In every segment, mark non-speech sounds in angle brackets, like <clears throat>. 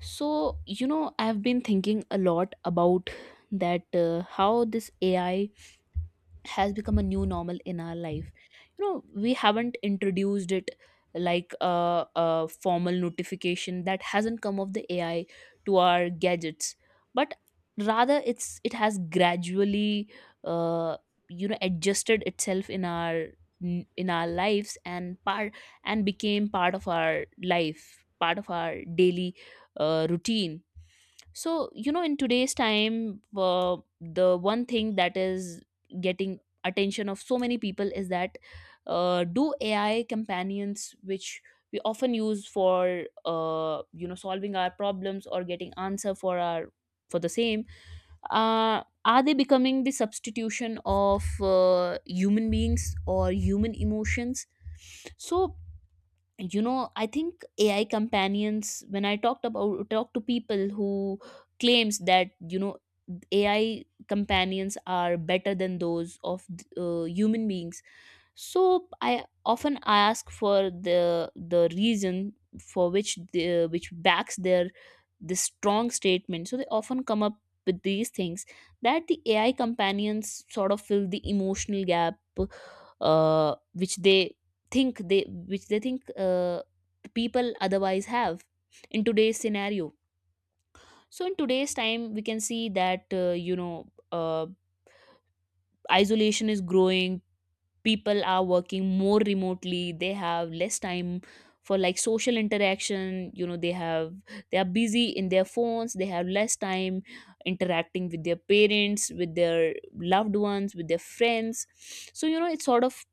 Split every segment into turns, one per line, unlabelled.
So, I've been thinking a lot about that how this AI has become a new normal in our life. We haven't introduced it like a formal notification — that hasn't come of the AI to our gadgets, but rather it has gradually uh, adjusted itself in our lives, and became part of our life, part of our daily routine. So, in today's time, the one thing that is getting attention of so many people is that, do AI companions, which we often use for solving our problems or getting answer for the same, are they becoming the substitution of human beings or human emotions? So, I think ai companions — when I talk to people who claims that, AI companions are better than those of human beings, so I often ask for the reason for which the which backs their this strong statement. So they often come up with these things, that the AI companions sort of fill the emotional gap, which they think, people otherwise have in today's scenario. So in today's time we can see that, isolation is growing. People are working more remotely, they have less time for, like, social interaction. They are busy in their phones, they have less time interacting with their parents, with their loved ones, with their friends. So, it sort of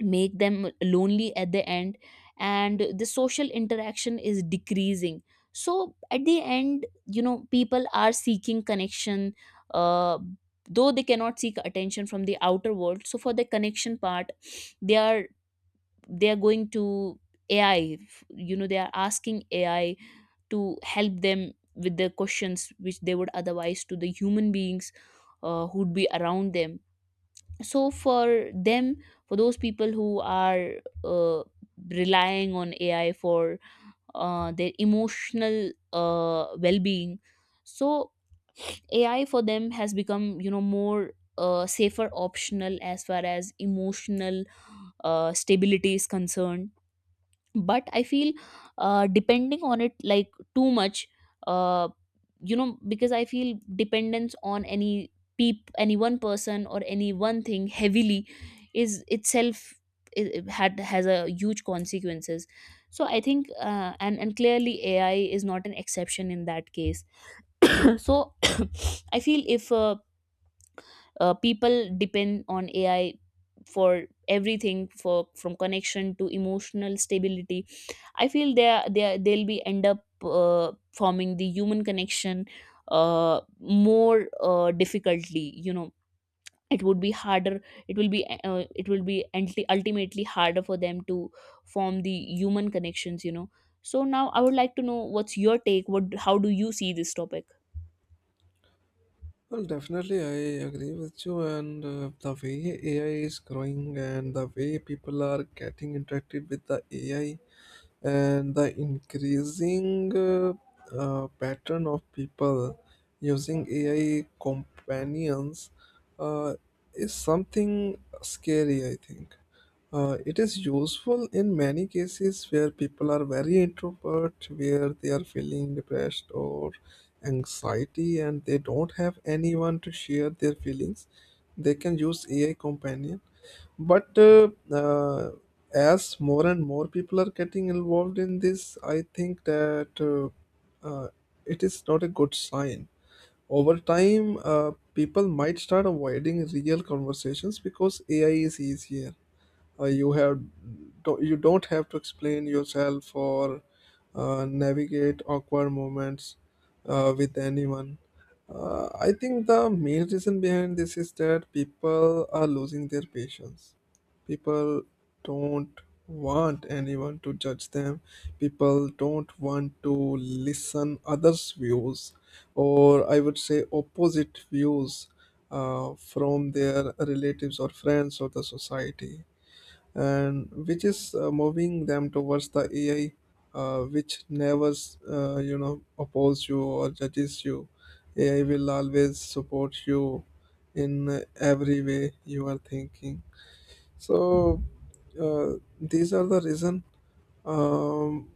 make them lonely at the end, and the social interaction is decreasing. So at the end, people are seeking connection. uh, though they cannot seek attention from the outer world, so for the connection part, they are, going to AI. They are asking AI to help them with the questions which they would otherwise to the human beings who'd be around them. So for those people who are uh, relying on AI for their emotional well-being — so AI for them has become, more safer optional as far as emotional stability is concerned. But I feel depending on it, like, too much, uh, because I feel dependence on any — peep any one person or any one thing heavily is itself, it had has a huge consequences. So I think, and clearly AI is not an exception in that case. <clears throat> So <coughs> I feel if people depend on AI for everything, for from connection to emotional stability, I feel they'll be end up uh, forming the human connection uh, more difficultly. It would be harder, it will be ultimately harder for them to form the human connections. So now I would like to know, what's your take, what how do you see this topic?
Well, definitely, I agree with you. And the way AI is growing and the way people are getting interacted with the AI, and the increasing pattern of people using AI companions uh, is something scary, I think. It is useful in many cases where people are very introvert, where they are feeling depressed or anxiety, and they don't have anyone to share their feelings. They can use AI companion, but as more and more people are getting involved in this, I think that uh, it is not a good sign. Over time, people might start avoiding real conversations because AI is easier. You have don't, you don't have to explain yourself or navigate awkward moments with anyone. I think the main reason behind this is that people are losing their patience. People don't want anyone to judge them. People don't want to listen others views, or I would say opposite views, from their relatives or friends or the society, and which is moving them towards the AI, which never you know oppose you or judges you. AI will always support you in every way you are thinking. So uh, these are the reason. Um,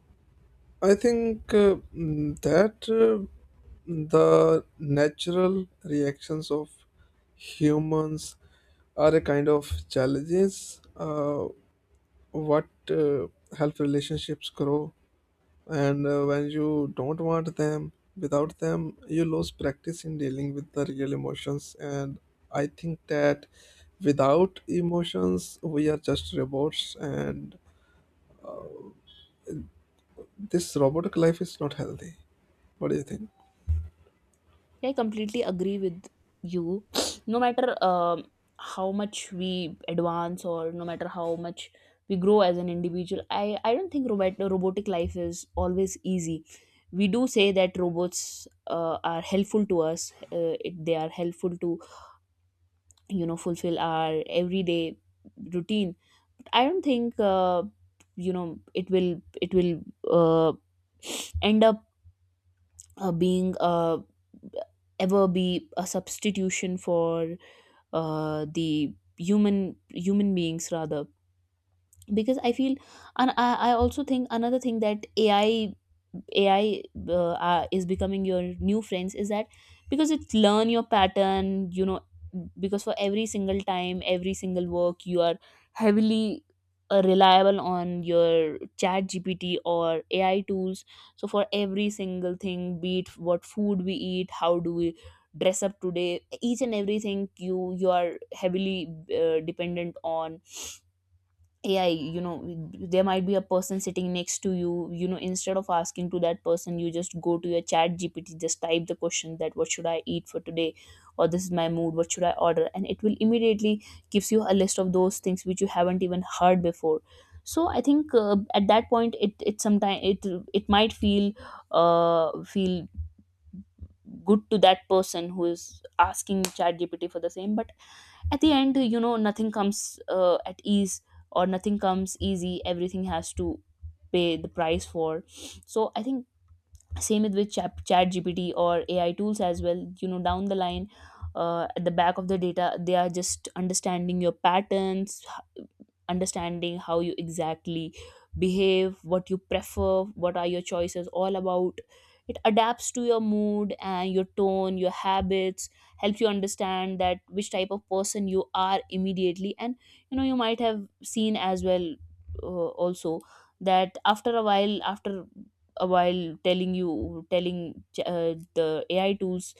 I think that the natural reactions of humans are a kind of challenges what help relationships grow, and when you don't want them, without them you lose practice in dealing with the real emotions. And I think that without emotions we are just robots, and this robotic life is not healthy. What do you think?
Yeah, I completely agree with you. <sniffs> No matter, how much we advance, or no matter how much we grow as an individual, I don't think robotic life is always easy. We do say that robots are helpful to us. They are helpful to, fulfill our everyday routine. I don't think, it will uh, end up being ever be a substitution for the human beings, rather. Because I feel — and I also think another thing, that ai is becoming your new friends, is that because it's learn your pattern. Because for every single time, every single work, you are heavily reliable on your ChatGPT or AI tools. So for every single thing, be it what food we eat, how do we dress up today, each and everything, you are heavily dependent on AI. There might be a person sitting next to you, you know instead of asking to that person, you just go to your ChatGPT, just type the question, that, what should I eat for today, or this is my mood, what should I order, and it will immediately gives you a list of those things which you haven't even heard before. So I think, at that point, it sometimes it it might feel good to that person who is asking ChatGPT for the same. But at the end, nothing comes at ease, or nothing comes easy, everything has to pay the price for. So I think same with chat gpt or ai tools as well. Down the line, at the back of the data, they are just understanding your patterns, understanding how you exactly behave, what you prefer, what are your choices all about. It adapts to your mood and your tone, your habits, helps you understand that which type of person you are immediately. And, you might have seen as well, also, that after a while telling the AI tools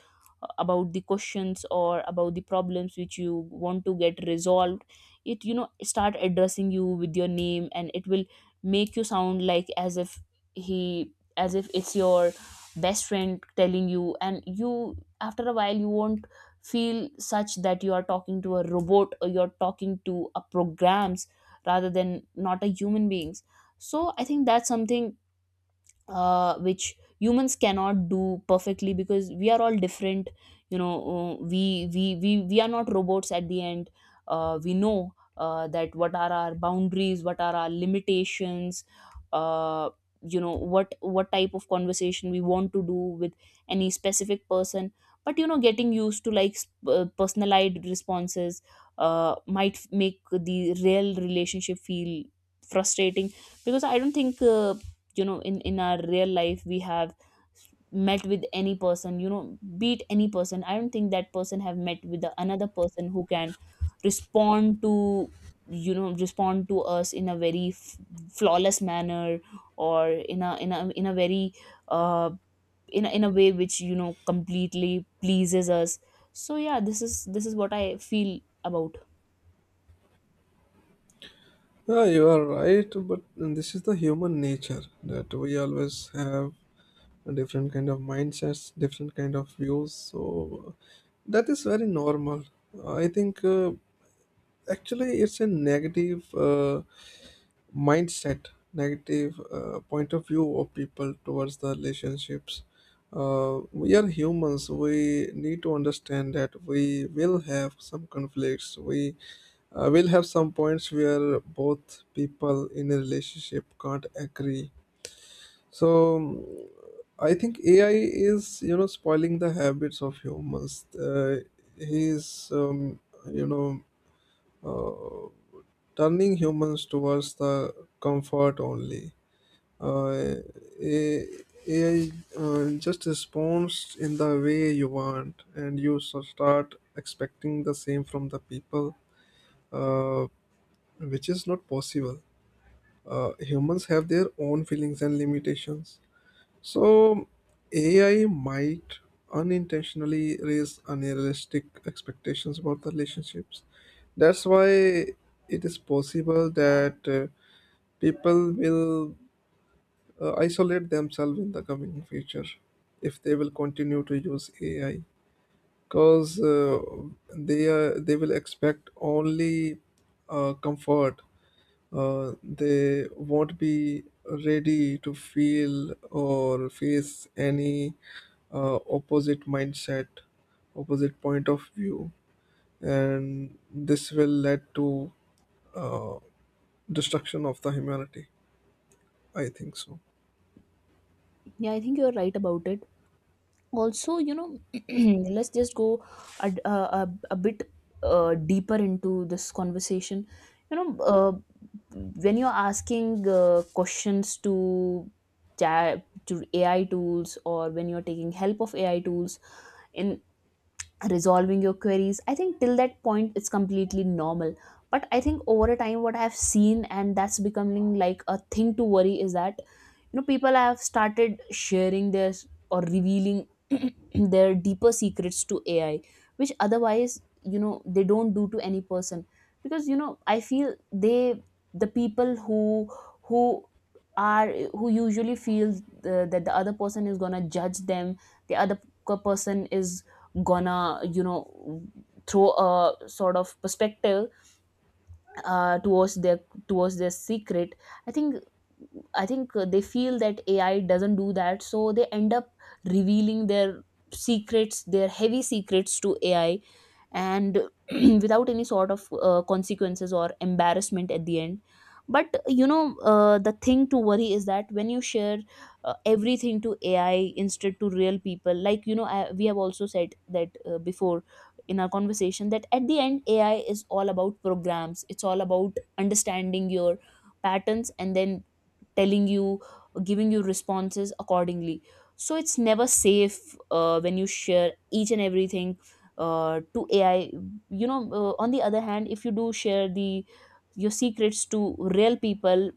about the questions or about the problems which you want to get resolved, it, start addressing you with your name, and it will make you sound like as if — he as if it's your best friend telling you and you after a while you won't feel such that you are talking to a robot, or you're talking to a programs, rather than not a human beings. So I think that's something, which humans cannot do perfectly, because we are all different. We are not robots at the end. We know that what are our boundaries, what are our limitations, uh, what type of conversation we want to do with any specific person. But, getting used to, like, personalized responses might make the real relationship feel frustrating. Because I don't think, in our real life we have met with any person, beat any person. I don't think that person have met with another person who can respond to respond to us in a very flawless manner, or in a very, uh in a way which, completely pleases us. So yeah, this is what I feel about.
Yeah, you are right, but this is the human nature that we always have a different kind of mindsets, different kind of views. So that is very normal. I think actually, it's a negative mindset, negative point of view of people towards the relationships. We are humans. We need to understand that we will have some conflicts. We will have some points where both people in a relationship can't agree. So mm, I think AI is you know spoiling the habits of humans. He's you know. Uh, Turning humans towards the comfort only. Uh, A- AI just responds in the way you want, and you start expecting the same from the people, uh, which is not possible. Humans have their own feelings and limitations. So, AI might unintentionally raise unrealistic expectations about the relationships. That's why it is possible that. People will isolate themselves in the coming future if they will continue to use AI, because they will expect only comfort. They won't be ready to feel or face any opposite mindset, opposite point of view, and this will lead to uh, destruction of the humanity. I think so.
Yeah, I think you're right about it. Also, <clears throat> let's just go a bit deeper into this conversation. you know uh, when you're asking questions to, chat to AI tools, or when you're taking help of AI tools in resolving your queries, I think till that point it's completely normal. But I think over a time, what I've seen, and that's becoming like a thing to worry, is that, people have started sharing or revealing <clears throat> their deeper secrets to AI, which otherwise, they don't do to any person. Because, I feel, the people who are who usually feel, that the other person is gonna judge them, the other person is gonna, throw a sort of perspective uh, towards their towards their secret. I think i think they feel that AI doesn't do that, so they end up revealing their secrets, their heavy secrets to AI, and <clears throat> without any sort of consequences or embarrassment at the end. But, the thing to worry is that, when you share everything to ai instead to real people. Like, we have also said that, before in our conversation, that at the end AI is all about programs, it's all about understanding your patterns and then telling you, giving you responses accordingly. So it's never safe when you share each and everything to AI. On the other hand, if you do share the your secrets to real people,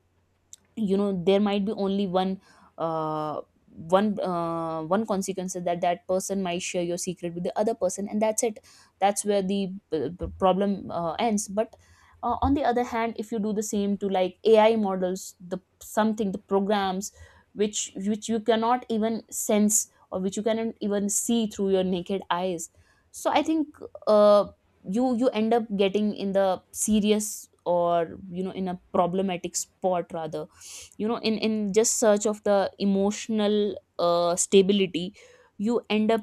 there might be only uh, one consequence, is that that person might share your secret with the other person, and that's it. That's where the problem ends. But, on the other hand, if you do the same to, like, AI models, the something, the programs, which you cannot even sense, or which you cannot even see through your naked eyes. So I think, uh, you end up getting in the serious, or, in a problematic spot, rather. In just search of the emotional stability, you end up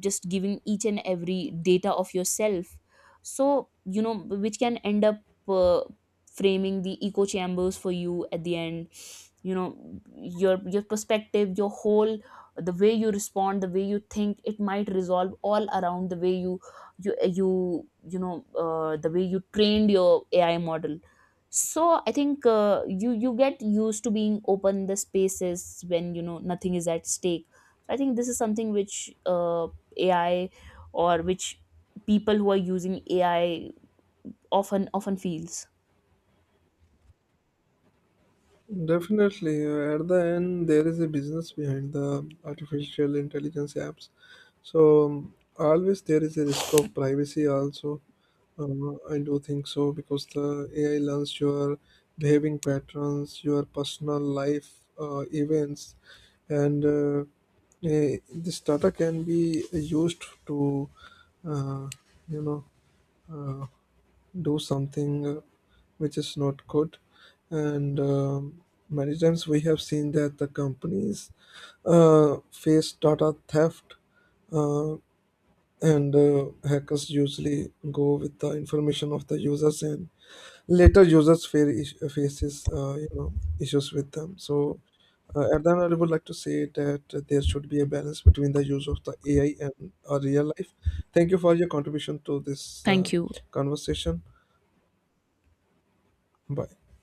just giving each and every data of yourself. So, which can end up uh, framing the echo chambers for you at the end. you know your perspective, your whole, the way you respond, the way you think, it might resolve all around the way, you you you know the way you trained your AI model. So I think, you get used to being open the spaces when you know nothing is at stake. So I think this is something which, AI, or which people who are using AI often feels.
Definitely, at the end, there is a business behind the artificial intelligence apps. So always there is a risk of privacy also. I do think so because the AI learns your behaving patterns, your personal life events, and this data can be used to, uh, you know, uh, do something which is not good. And many times we have seen that the companies face data theft, uh, and hackers usually go with the information of the users, and later users faces you know issues with them. So. At that, I would like to say that there should be a balance between the use of the AI and our real life. Thank you for your contribution to this
Thank you.
conversation. Bye.